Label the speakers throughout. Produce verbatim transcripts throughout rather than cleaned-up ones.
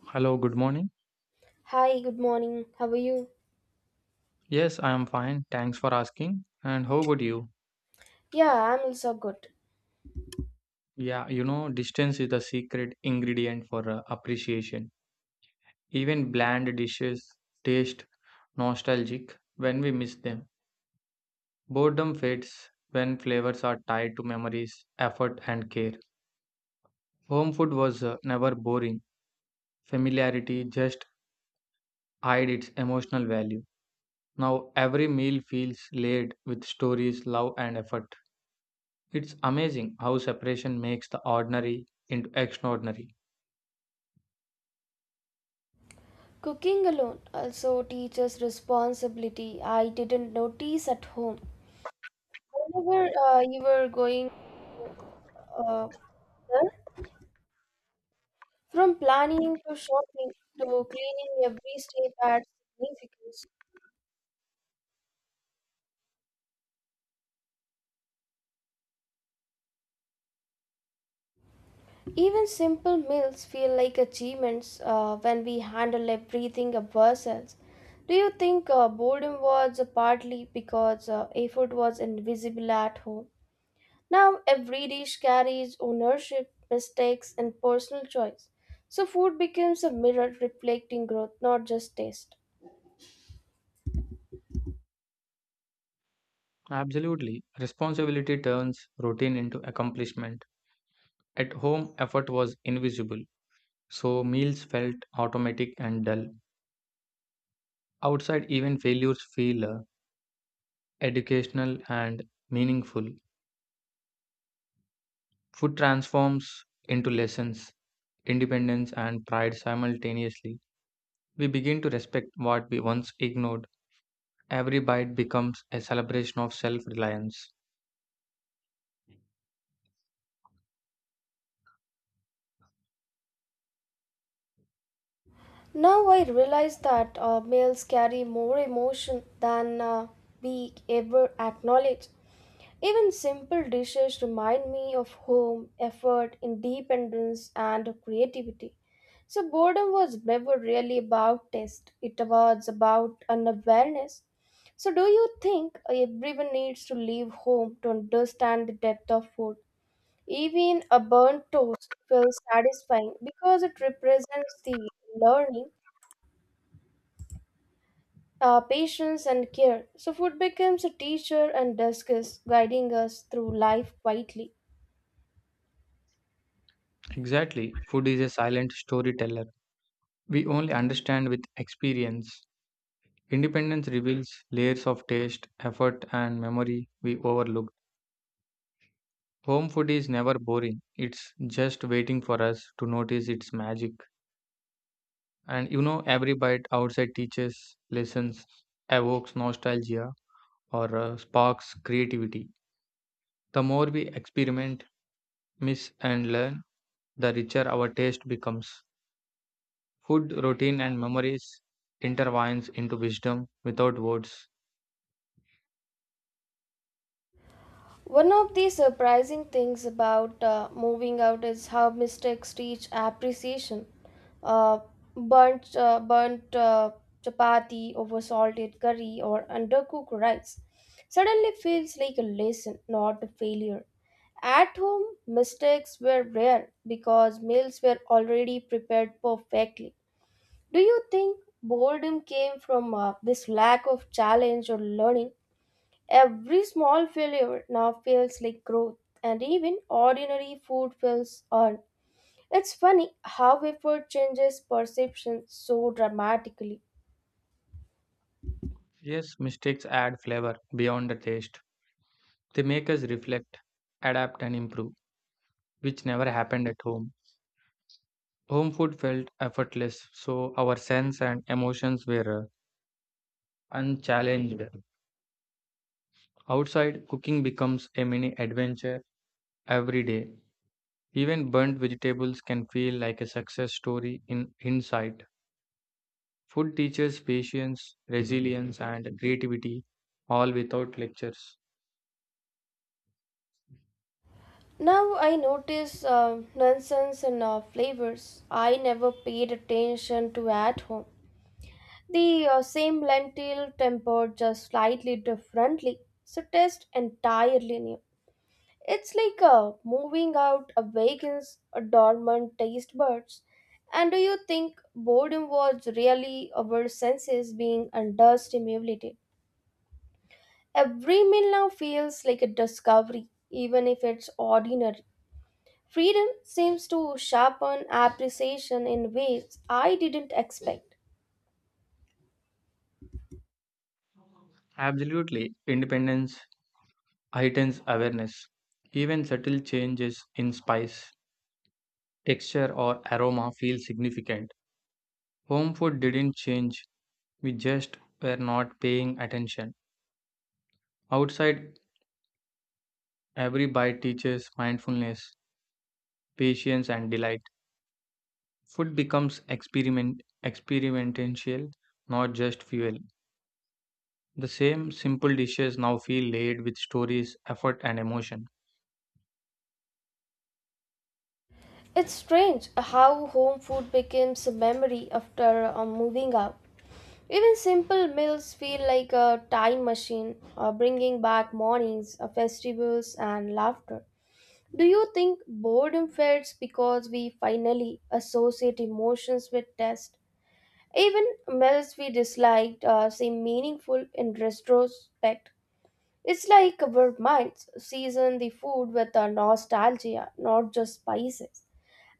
Speaker 1: Hello, good morning.
Speaker 2: Hi, good morning. How are you?
Speaker 1: Yes, I am fine. Thanks for asking. And how about you?
Speaker 2: Yeah, I'm also good.
Speaker 1: Yeah, you know, distance is the secret ingredient for uh, appreciation. Even bland dishes taste nostalgic when we miss them. Boredom fades when flavors are tied to memories, effort, and care. Home food was uh, never boring. Familiarity just hid its emotional value. Now every meal feels laid with stories, love, and effort. It's amazing how separation makes the ordinary into extraordinary.
Speaker 2: Cooking alone also teaches responsibility. I didn't notice at home. Whenever uh, you were going uh, there, from planning to shopping to cleaning, every step adds significance. Even simple meals feel like achievements uh, when we handle everything of ourselves. Do you think uh, boredom was partly because uh, effort was invisible at home? Now, every dish carries ownership, mistakes, and personal choice. So, food becomes a mirror reflecting growth, not just taste.
Speaker 1: Absolutely. Responsibility turns routine into accomplishment. At home, effort was invisible, so meals felt automatic and dull. Outside, even failures feel uh, educational and meaningful. Food transforms into lessons, independence, and pride simultaneously. We begin to respect what we once ignored. Every bite becomes a celebration of self reliance.
Speaker 2: Now I realize that uh, males carry more emotion than uh, we ever acknowledge. Even simple dishes remind me of home, effort, independence, and creativity. So boredom was never really about taste; it was about an awareness. So do you think everyone needs to leave home to understand the depth of food? Even a burnt toast feels satisfying because it represents the learning uh, patience and care. So food becomes a teacher and dusk is guiding us through life quietly.
Speaker 1: Exactly. Food is a silent storyteller. We only understand with experience. Independence reveals layers of taste, effort, and memory we overlooked. Home food is never boring, it's just waiting for us to notice its magic. And you know, every bite outside teaches lessons, evokes nostalgia, or uh, sparks creativity. The more we experiment, miss, and learn, the richer our taste becomes. Food, routine, and memories intertwines into wisdom without words.
Speaker 2: One of the surprising things about uh, moving out is how mistakes teach appreciation. Uh, burnt uh, Burnt uh, chapati over salted curry or undercooked rice suddenly feels like a lesson, not a failure. At home, mistakes were rare because meals were already prepared perfectly. Do you think boredom came from uh, this lack of challenge or learning? Every small failure now feels like growth, and even ordinary food feels earned. It's funny how effort changes perception so dramatically.
Speaker 1: Yes, mistakes add flavor beyond the taste. They make us reflect, adapt, and improve, which never happened at home. Home food felt effortless, so our sense and emotions were uh, unchallenged. Outside, cooking becomes a mini adventure every day. Even burnt vegetables can feel like a success story in hindsight. Food teaches patience, resilience, and creativity, all without lectures.
Speaker 2: Now I notice uh, nonsense and uh, flavors I never paid attention to at home. The uh, same lentil tempered just slightly differently, so taste entirely new. It's like uh, moving out awakens a dormant taste buds. And do you think boredom was really our senses being understimulated? Every meal now feels like a discovery, even if it's ordinary. Freedom seems to sharpen appreciation in ways I didn't expect.
Speaker 1: Absolutely, independence heightens awareness. Even subtle changes in spice, texture, or aroma feel significant. Home food didn't change, we just were not paying attention. Outside, every bite teaches mindfulness, patience, and delight. Food becomes experiment experimental, not just fuel. The same simple dishes now feel laid with stories, effort, and emotion.
Speaker 2: It's strange how home food becomes a memory after uh, moving out. Even simple meals feel like a time machine, uh, bringing back mornings, uh, festivals, and laughter. Do you think boredom fades because we finally associate emotions with taste? Even meals we disliked uh, seem meaningful in retrospect. It's like our minds season the food with a nostalgia, not just spices.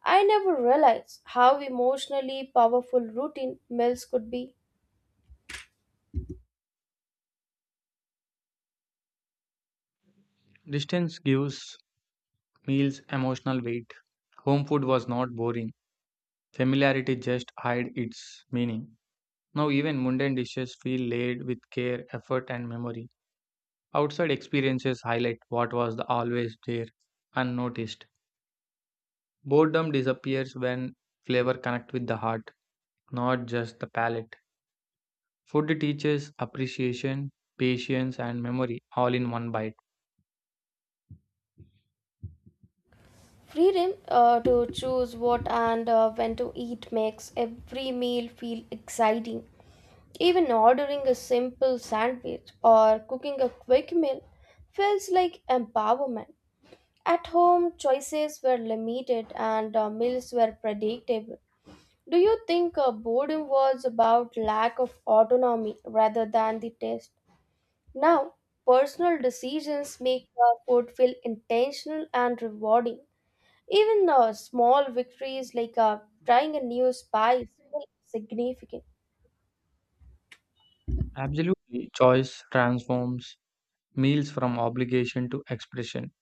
Speaker 2: I never realized how emotionally powerful routine meals could be.
Speaker 1: Distance gives meals emotional weight. Home food was not boring. Familiarity just hid its meaning. Now, even mundane dishes feel laid with care, effort, and memory. Outside experiences highlight what was the always there, unnoticed. Boredom disappears when flavor connects with the heart, not just the palate. Food teaches appreciation, patience, and memory all in one bite.
Speaker 2: Freedom uh, to choose what and uh, when to eat makes every meal feel exciting. Even ordering a simple sandwich or cooking a quick meal feels like empowerment. At home, choices were limited and uh, meals were predictable. Do you think uh, boredom was about lack of autonomy rather than the taste? Now, personal decisions make our food feel intentional and rewarding. Even uh, small victories like uh, trying a new spice feel significant.
Speaker 1: Absolutely, choice transforms meals from obligation to expression.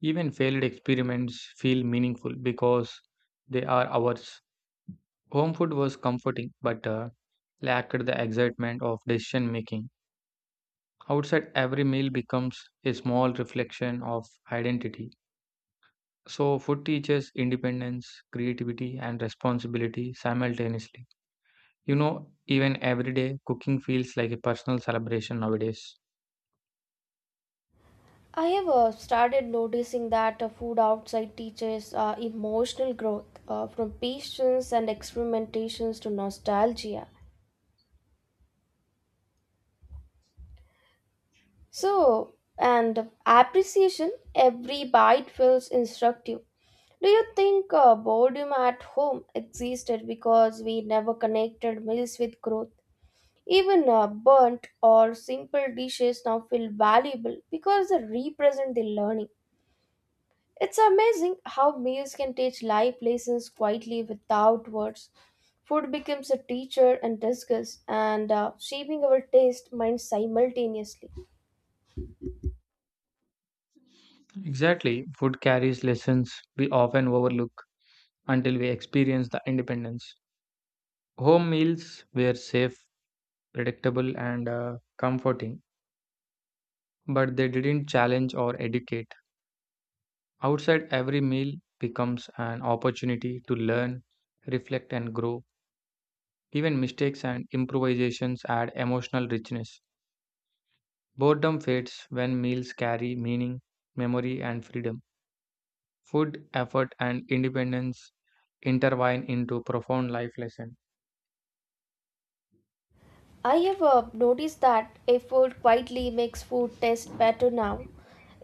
Speaker 1: Even failed experiments feel meaningful because they are ours. Home food was comforting but uh, lacked the excitement of decision making. Outside, every meal becomes a small reflection of identity. So, food teaches independence, creativity, and responsibility simultaneously. You know, even everyday cooking feels like a personal celebration nowadays.
Speaker 2: I have uh, started noticing that uh, food outside teaches uh, emotional growth uh, from patience and experimentations to nostalgia. So, and appreciation, every bite feels instructive. Do you think uh, boredom at home existed because we never connected meals with growth? Even uh, burnt or simple dishes now feel valuable because they represent the learning. It's amazing how meals can teach life lessons quietly without words. Food becomes a teacher and discuss and uh, shaping our taste mind simultaneously.
Speaker 1: Exactly, food carries lessons we often overlook until we experience the independence. Home meals were safe, predictable, and uh, comforting, but they didn't challenge or educate. Outside, every meal becomes an opportunity to learn, reflect, and grow. Even mistakes and improvisations add emotional richness. Boredom fades when meals carry meaning, memory, and freedom. Food, effort, and independence intertwine into profound life lessons.
Speaker 2: I have uh, noticed that effort quietly makes food taste better now.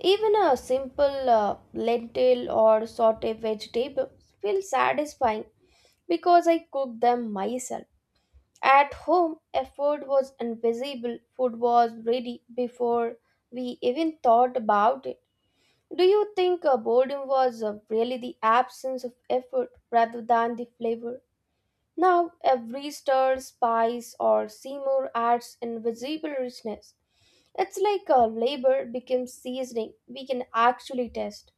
Speaker 2: Even a simple uh, lentil or sauté vegetable feels satisfying because I cook them myself. At home, effort was invisible, food was ready before we even thought about it. Do you think uh, boredom was uh, really the absence of effort rather than the flavor? Now every stir, spice, or simmer adds invisible richness. It's like a labor becomes seasoning we can actually taste.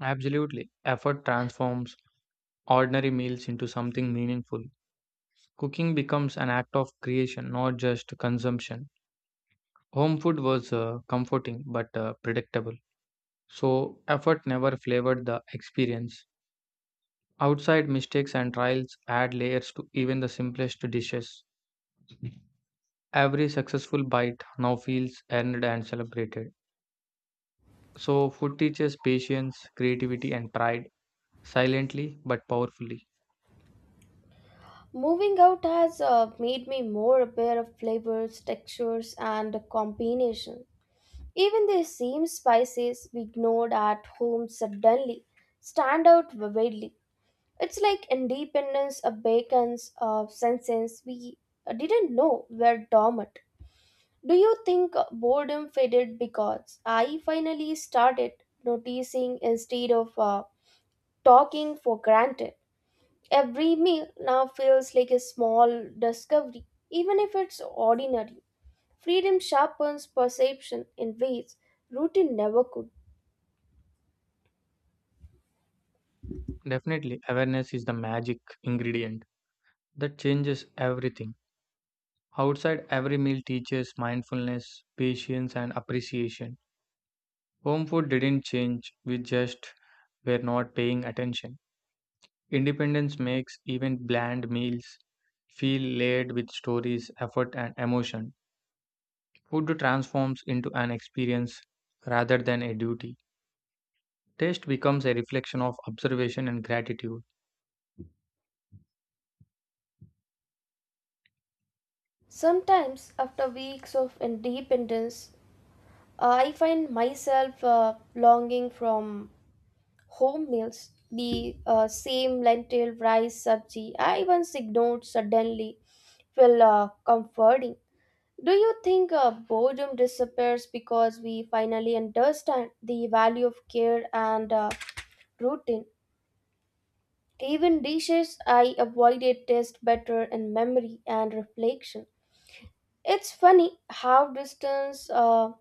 Speaker 1: Absolutely. Effort transforms ordinary meals into something meaningful. Cooking becomes an act of creation, not just consumption. Home food was uh, comforting but uh, predictable. So, effort never flavored the experience. Outside mistakes and trials add layers to even the simplest dishes. Every successful bite now feels earned and celebrated. So, food teaches patience, creativity, and pride silently but powerfully.
Speaker 2: Moving out has uh, made me more aware of flavors, textures, and combination. Even the same spices we ignored at home suddenly stand out vividly. It's like independence awakens of senses we didn't know were dormant. Do you think boredom faded because I finally started noticing instead of uh, talking for granted? Every meal now feels like a small discovery, even if it's ordinary. Freedom sharpens perception in ways routine never could.
Speaker 1: Definitely, awareness is the magic ingredient. That changes everything. Outside, every meal teaches mindfulness, patience, and appreciation. Home food didn't change, we just were not paying attention. Independence makes even bland meals feel layered with stories, effort, and emotion. Food transforms into an experience rather than a duty. Taste becomes a reflection of observation and gratitude.
Speaker 2: Sometimes, after weeks of independence, I find myself uh, longing from home meals, the uh, same lentil, rice, sabji, I once ignored suddenly feel uh, comforting. Do you think uh, boredom disappears because we finally understand the value of care and uh, routine? Even dishes I avoided taste better in memory and reflection. It's funny how distance uh,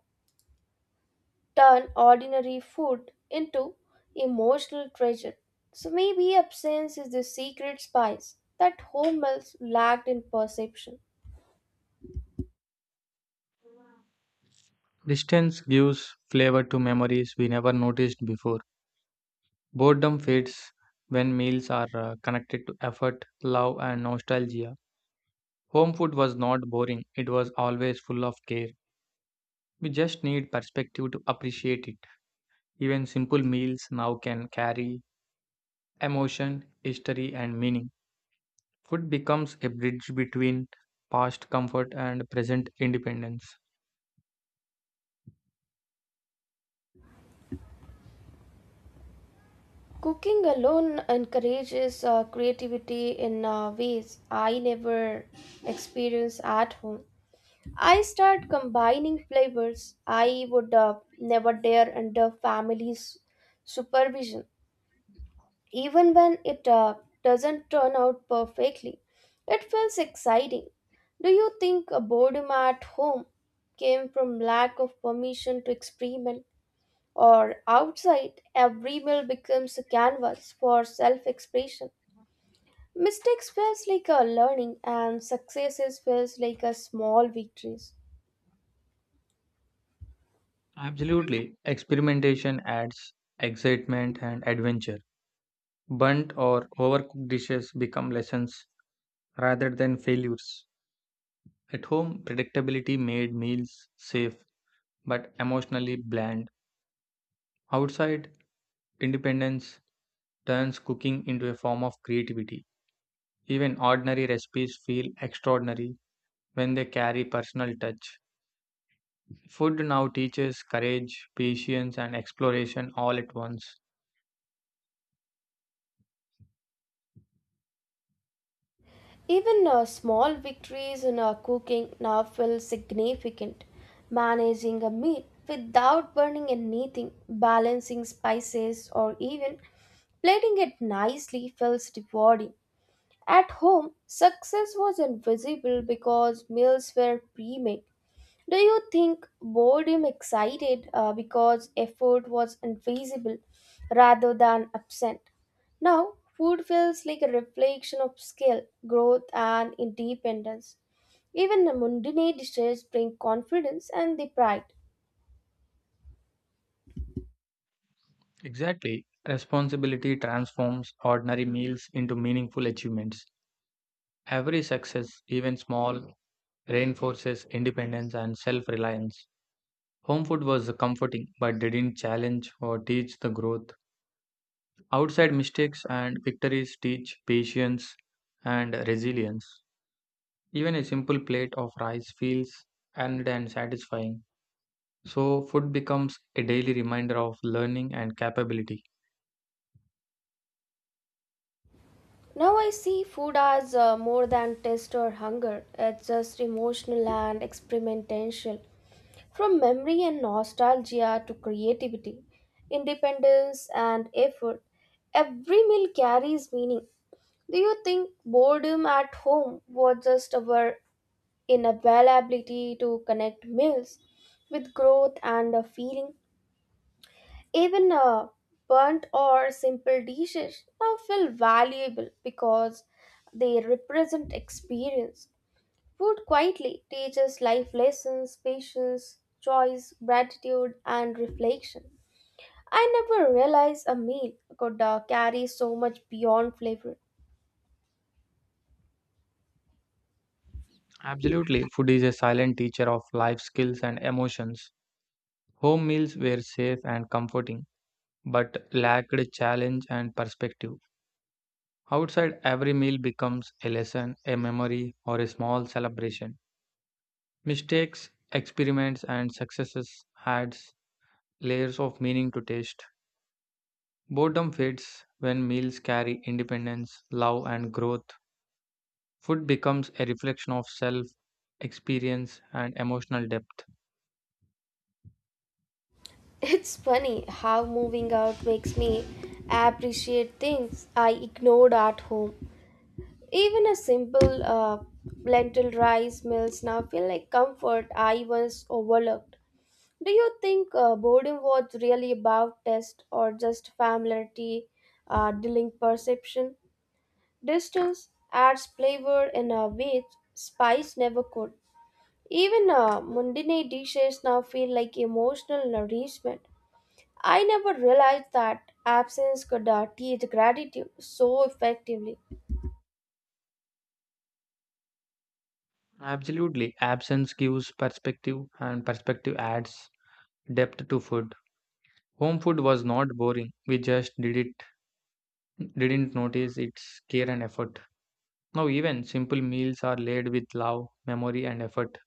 Speaker 2: turn ordinary food into emotional treasure. So maybe absence is the secret spice that home meals lacked in perception.
Speaker 1: Distance gives flavor to memories we never noticed before. Boredom fades when meals are uh, connected to effort, love, and nostalgia. Home food was not boring, it was always full of care. We just need perspective to appreciate it. Even simple meals now can carry emotion, history, and meaning. Food becomes a bridge between past comfort and present independence.
Speaker 2: Cooking alone encourages uh, creativity in uh, ways I never experienced at home. I start combining flavors I would uh, never dare under family's supervision. Even when it uh, doesn't turn out perfectly, it feels exciting. Do you think uh, boredom at home came from lack of permission to experiment, or outside, every meal becomes a canvas for self expression? Mistakes feels like a learning, and successes feels like a small victories.
Speaker 1: Absolutely. Experimentation adds excitement and adventure. Burnt or overcooked dishes become lessons rather than failures. At home, predictability made meals safe but emotionally bland. Outside, independence turns cooking into a form of creativity. Even ordinary recipes feel extraordinary when they carry personal touch. Food now teaches courage, patience, and exploration all at once.
Speaker 2: Even uh, small victories in our cooking now feel significant. Managing a meal without burning anything, balancing spices, or even plating it nicely feels rewarding. At home, success was invisible because meals were pre made. Do you think boredom excited uh, because effort was invisible rather than absent? Now, food feels like a reflection of skill, growth, and independence. Even the mundane dishes bring confidence and the pride.
Speaker 1: Exactly. Responsibility transforms ordinary meals into meaningful achievements. Every success, even small, reinforces independence and self reliance. Home food was comforting but didn't challenge or teach the growth. Outside mistakes and victories teach patience and resilience. Even a simple plate of rice feels earned and satisfying. So, food becomes a daily reminder of learning and capability.
Speaker 2: Now I see food as uh, more than taste or hunger. It's just emotional and experimental. From memory and nostalgia to creativity, independence and effort, every meal carries meaning. Do you think boredom at home was just our inability to connect meals with growth and a feeling? Even uh, burnt or simple dishes now feel valuable because they represent experience. Food quietly teaches life lessons, patience, choice, gratitude, and reflection. I never realized a meal could uh, carry so much beyond flavor.
Speaker 1: Absolutely, food is a silent teacher of life skills and emotions. Home meals were safe and comforting, but lacked challenge and perspective. Outside, every meal becomes a lesson, a memory, or a small celebration. Mistakes, experiments, and successes adds layers of meaning to taste. Boredom fades when meals carry independence, love, and growth. Food becomes a reflection of self, experience, and emotional depth.
Speaker 2: It's funny how moving out makes me appreciate things I ignored at home. Even a simple uh, lentil rice meals now feel like comfort I once overlooked. Do you think uh, boredom was really about taste or just familiarity, uh, dealing perception? Distance adds flavor in a way spice never could. Even uh, mundane dishes now feel like emotional nourishment. I never realized that absence could uh, teach gratitude so effectively.
Speaker 1: Absolutely, absence gives perspective, and perspective adds depth to food. Home food was not boring. We just did it, didn't notice its care and effort. Now, even simple meals are laid with love, memory, and effort.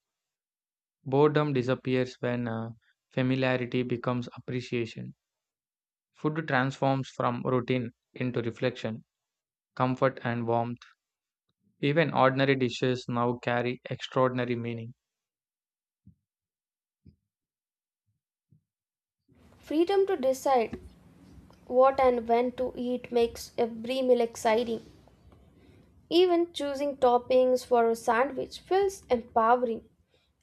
Speaker 1: Boredom disappears when uh, familiarity becomes appreciation. Food transforms from routine into reflection, comfort, and warmth. Even ordinary dishes now carry extraordinary meaning.
Speaker 2: Freedom to decide what and when to eat makes every meal exciting. Even choosing toppings for a sandwich feels empowering.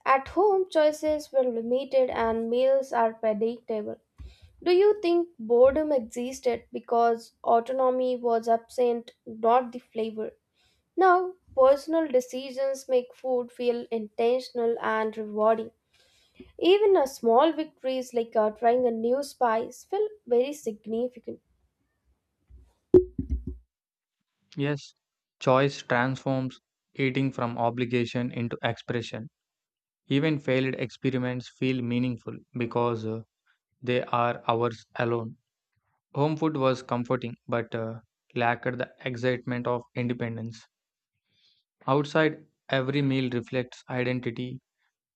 Speaker 2: At home, choices were limited and meals are predictable. Do you think boredom existed because autonomy was absent, not the flavor? Now, personal decisions make food feel intentional and rewarding. Even a small victories like uh, trying a new spice feel very significant.
Speaker 1: Yes, choice transforms eating from obligation into expression. Even failed experiments feel meaningful because uh, they are ours alone. Home food was comforting, but uh, lacked the excitement of independence. Outside, every meal reflects identity,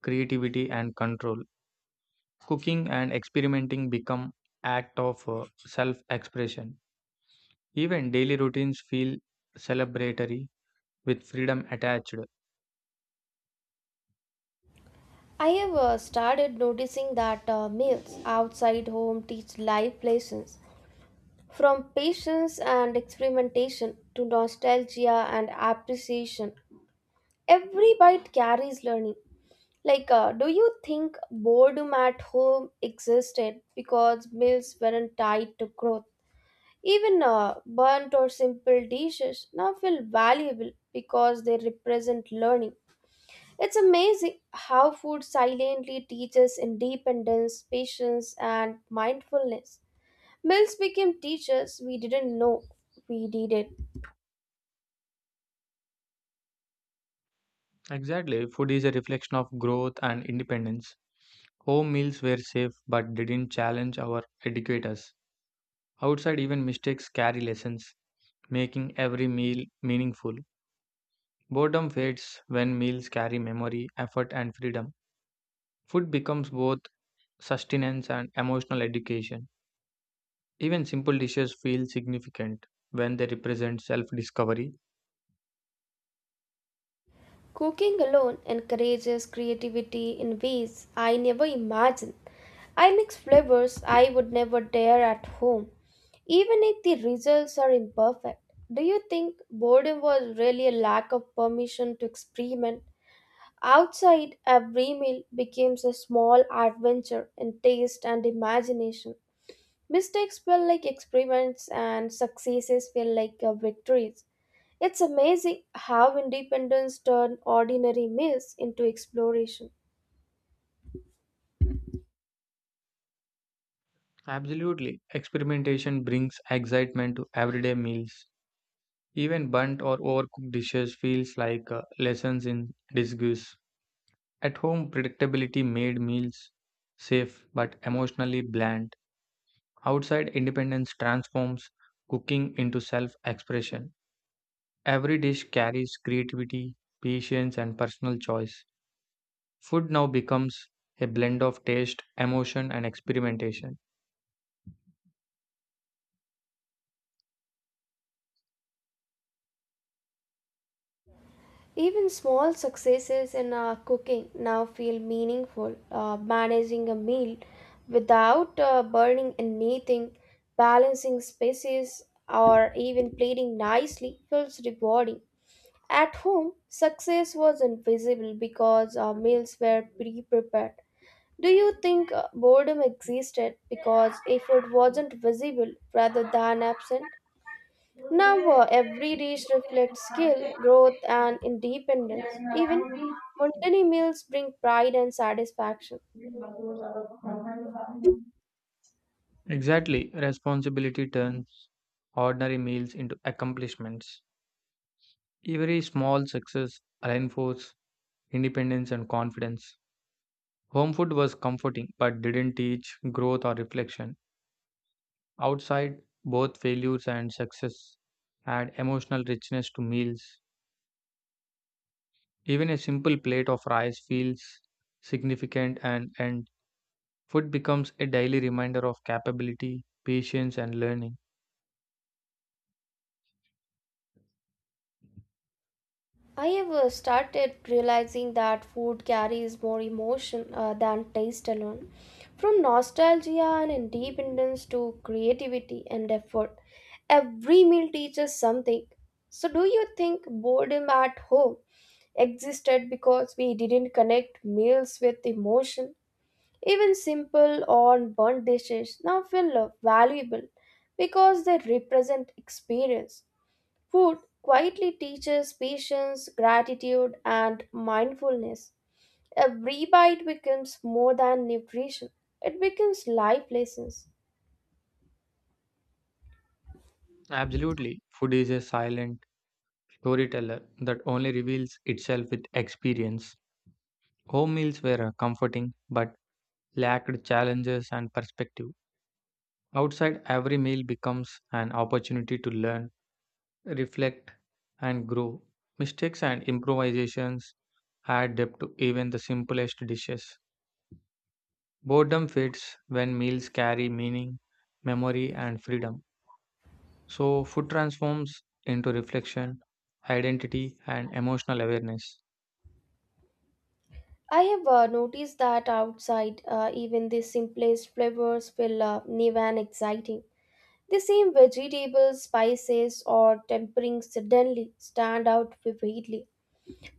Speaker 1: creativity, and control. Cooking and experimenting become act of uh, self-expression. Even daily routines feel celebratory with freedom attached.
Speaker 2: I have uh, started noticing that uh, meals outside home teach life lessons from patience and experimentation to nostalgia and appreciation. Every bite carries learning. Like, uh, do you think boredom at home existed because meals weren't tied to growth? Even uh, burnt or simple dishes now feel valuable because they represent learning. It's amazing how food silently teaches independence, patience, and mindfulness. Meals became teachers we didn't know we needed.
Speaker 1: Exactly, food is a reflection of growth and independence. Home meals were safe but didn't challenge our educators. Outside, even mistakes carry lessons, making every meal meaningful. Boredom fades when meals carry memory, effort, and freedom. Food becomes both sustenance and emotional education. Even simple dishes feel significant when they represent self discovery.
Speaker 2: Cooking alone encourages creativity in ways I never imagined. I mix flavors I would never dare at home, even if the results are imperfect. Do you think boredom was really a lack of permission to experiment? Outside, every meal becomes a small adventure in taste and imagination. Mistakes feel like experiments, and successes feel like uh, victories. It's amazing how independence turns ordinary meals into exploration.
Speaker 1: Absolutely. Experimentation brings excitement to everyday meals. Even burnt or overcooked dishes feels like uh, lessons in disguise. At home, predictability made meals safe but emotionally bland. Outside, independence transforms cooking into self expression. Every dish carries creativity, patience, and personal choice. Food now becomes a blend of taste, emotion, and experimentation.
Speaker 2: Even small successes in uh, cooking now feel meaningful. Uh, managing a meal without uh, burning anything, balancing species, or even plating nicely feels rewarding. At home, success was invisible because our meals were pre prepared. Do you think uh, boredom existed because if it wasn't visible rather than absent? Now, uh, every dish reflects skill, growth, and independence. Even mundane meals bring pride and satisfaction.
Speaker 1: Exactly, responsibility turns ordinary meals into accomplishments. Every small success reinforces independence and confidence. Home food was comforting but didn't teach growth or reflection. Outside, both failures and success add emotional richness to meals. Even a simple plate of rice feels significant and, and food becomes a daily reminder of capability, patience, and learning.
Speaker 2: I have uh, started realizing that food carries more emotion uh, than taste alone. From nostalgia and independence to creativity and effort, every meal teaches something. So, do you think boredom at home existed because we didn't connect meals with emotion? Even simple or burnt dishes now feel uh, valuable because they represent experience. Food quietly teaches patience, gratitude, and mindfulness. Every bite becomes more than nutrition, it becomes life lessons.
Speaker 1: Absolutely, food is a silent storyteller that only reveals itself with experience. Home meals were uh, comforting but lacked challenges and perspective. Outside, every meal becomes an opportunity to learn, reflect, and grow. Mistakes and improvisations add depth to even the simplest dishes. Boredom fades when meals carry meaning, memory, and freedom. So, food transforms into reflection, identity, and emotional awareness.
Speaker 2: I have uh, noticed that outside, uh, even the simplest flavors feel uh, new and exciting. The same vegetables, spices, or tempering suddenly stand out vividly.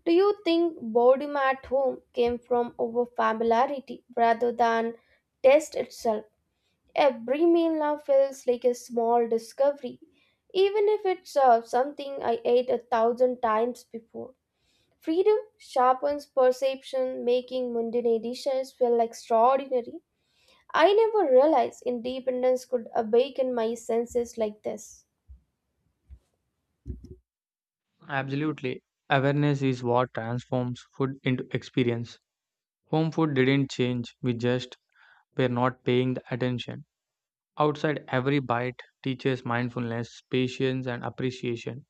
Speaker 2: Do you think boredom at home came from over familiarity rather than taste itself? Every meal now feels like a small discovery, even if it's uh, something I ate a thousand times before. Freedom sharpens perception, making mundane dishes feel extraordinary. I never realized independence could awaken my senses like this.
Speaker 1: Absolutely. Awareness is what transforms food into experience. Home food didn't change, we just were not paying the attention. Outside, every bite teaches mindfulness, patience, and appreciation.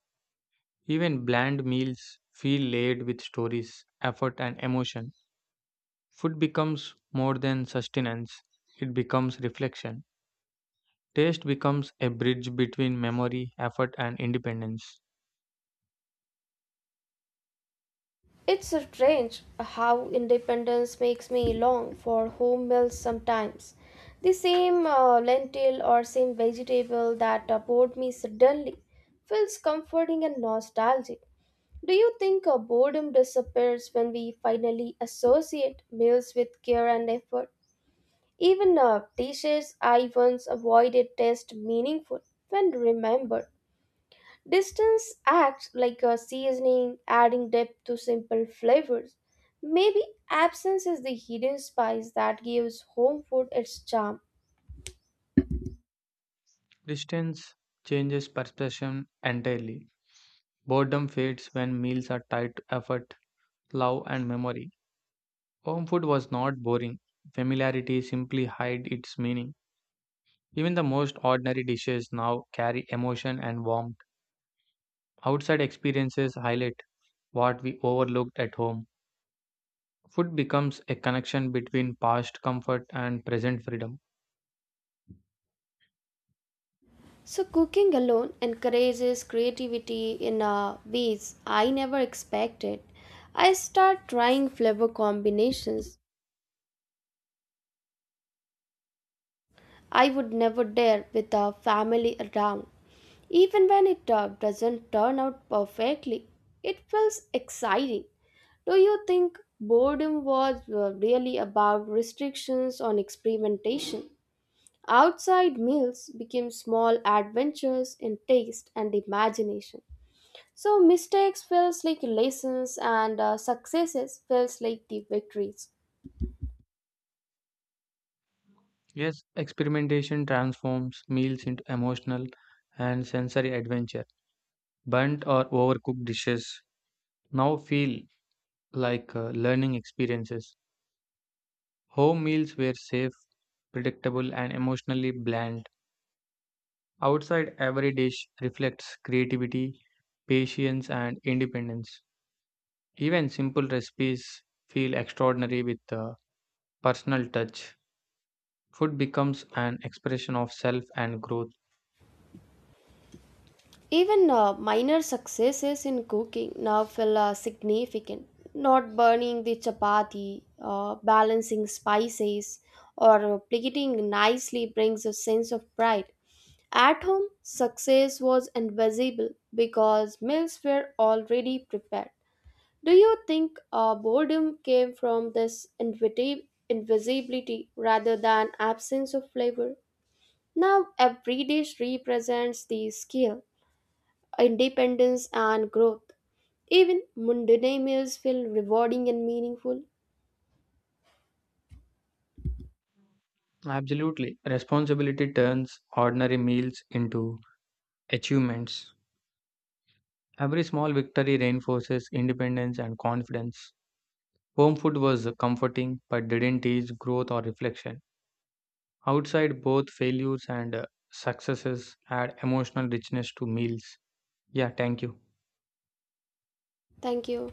Speaker 1: Even bland meals feel laid with stories, effort, and emotion. Food becomes more than sustenance, it becomes reflection. Taste becomes a bridge between memory, effort, and independence.
Speaker 2: It's strange how independence makes me long for home meals sometimes. The same uh, lentil or same vegetable that uh, bored me suddenly feels comforting and nostalgic. Do you think uh, boredom disappears when we finally associate meals with care and effort? Even uh, dishes I once avoided taste meaningful when remembered. Distance acts like a seasoning, adding depth to simple flavors. Maybe absence is the hidden spice that gives home food its charm.
Speaker 1: Distance changes perception entirely. Boredom fades when meals are tied to effort, love, and memory. Home food was not boring, familiarity simply hid its meaning. Even the most ordinary dishes now carry emotion and warmth. Outside experiences highlight what we overlooked at home. Food becomes a connection between past comfort and present freedom.
Speaker 2: So, cooking alone encourages creativity in uh, ways I never expected. I start trying flavor combinations I would never dare with a family around. Even when it uh, doesn't turn out perfectly, it feels exciting. Do you think boredom was uh, really about restrictions on experimentation? Outside meals became small adventures in taste and imagination. So mistakes feels like lessons and uh, successes feels like the victories.
Speaker 1: Yes, experimentation transforms meals into emotional and sensory adventure. Burnt or overcooked dishes now feel like uh, learning experiences. Home meals were safe, predictable, and emotionally bland Outside, every dish reflects creativity, patience, and independence. Even simple recipes feel extraordinary with a personal touch. Food becomes an expression of self and growth.
Speaker 2: Even uh, minor successes in cooking now feel uh, significant. Not burning the chapati, uh, balancing spices, or uh, plating nicely brings a sense of pride. At home, success was invisible because meals were already prepared. Do you think uh, boredom came from this inviti- invisibility rather than absence of flavor? Now, every dish represents the skill independence, and growth. Even mundane meals feel rewarding and meaningful.
Speaker 1: Absolutely. Responsibility turns ordinary meals into achievements. Every small victory reinforces independence and confidence. Home food was comforting but didn't teach growth or reflection. Outside, both failures and uh, successes add emotional richness to meals. Yeah, thank you.
Speaker 2: Thank you.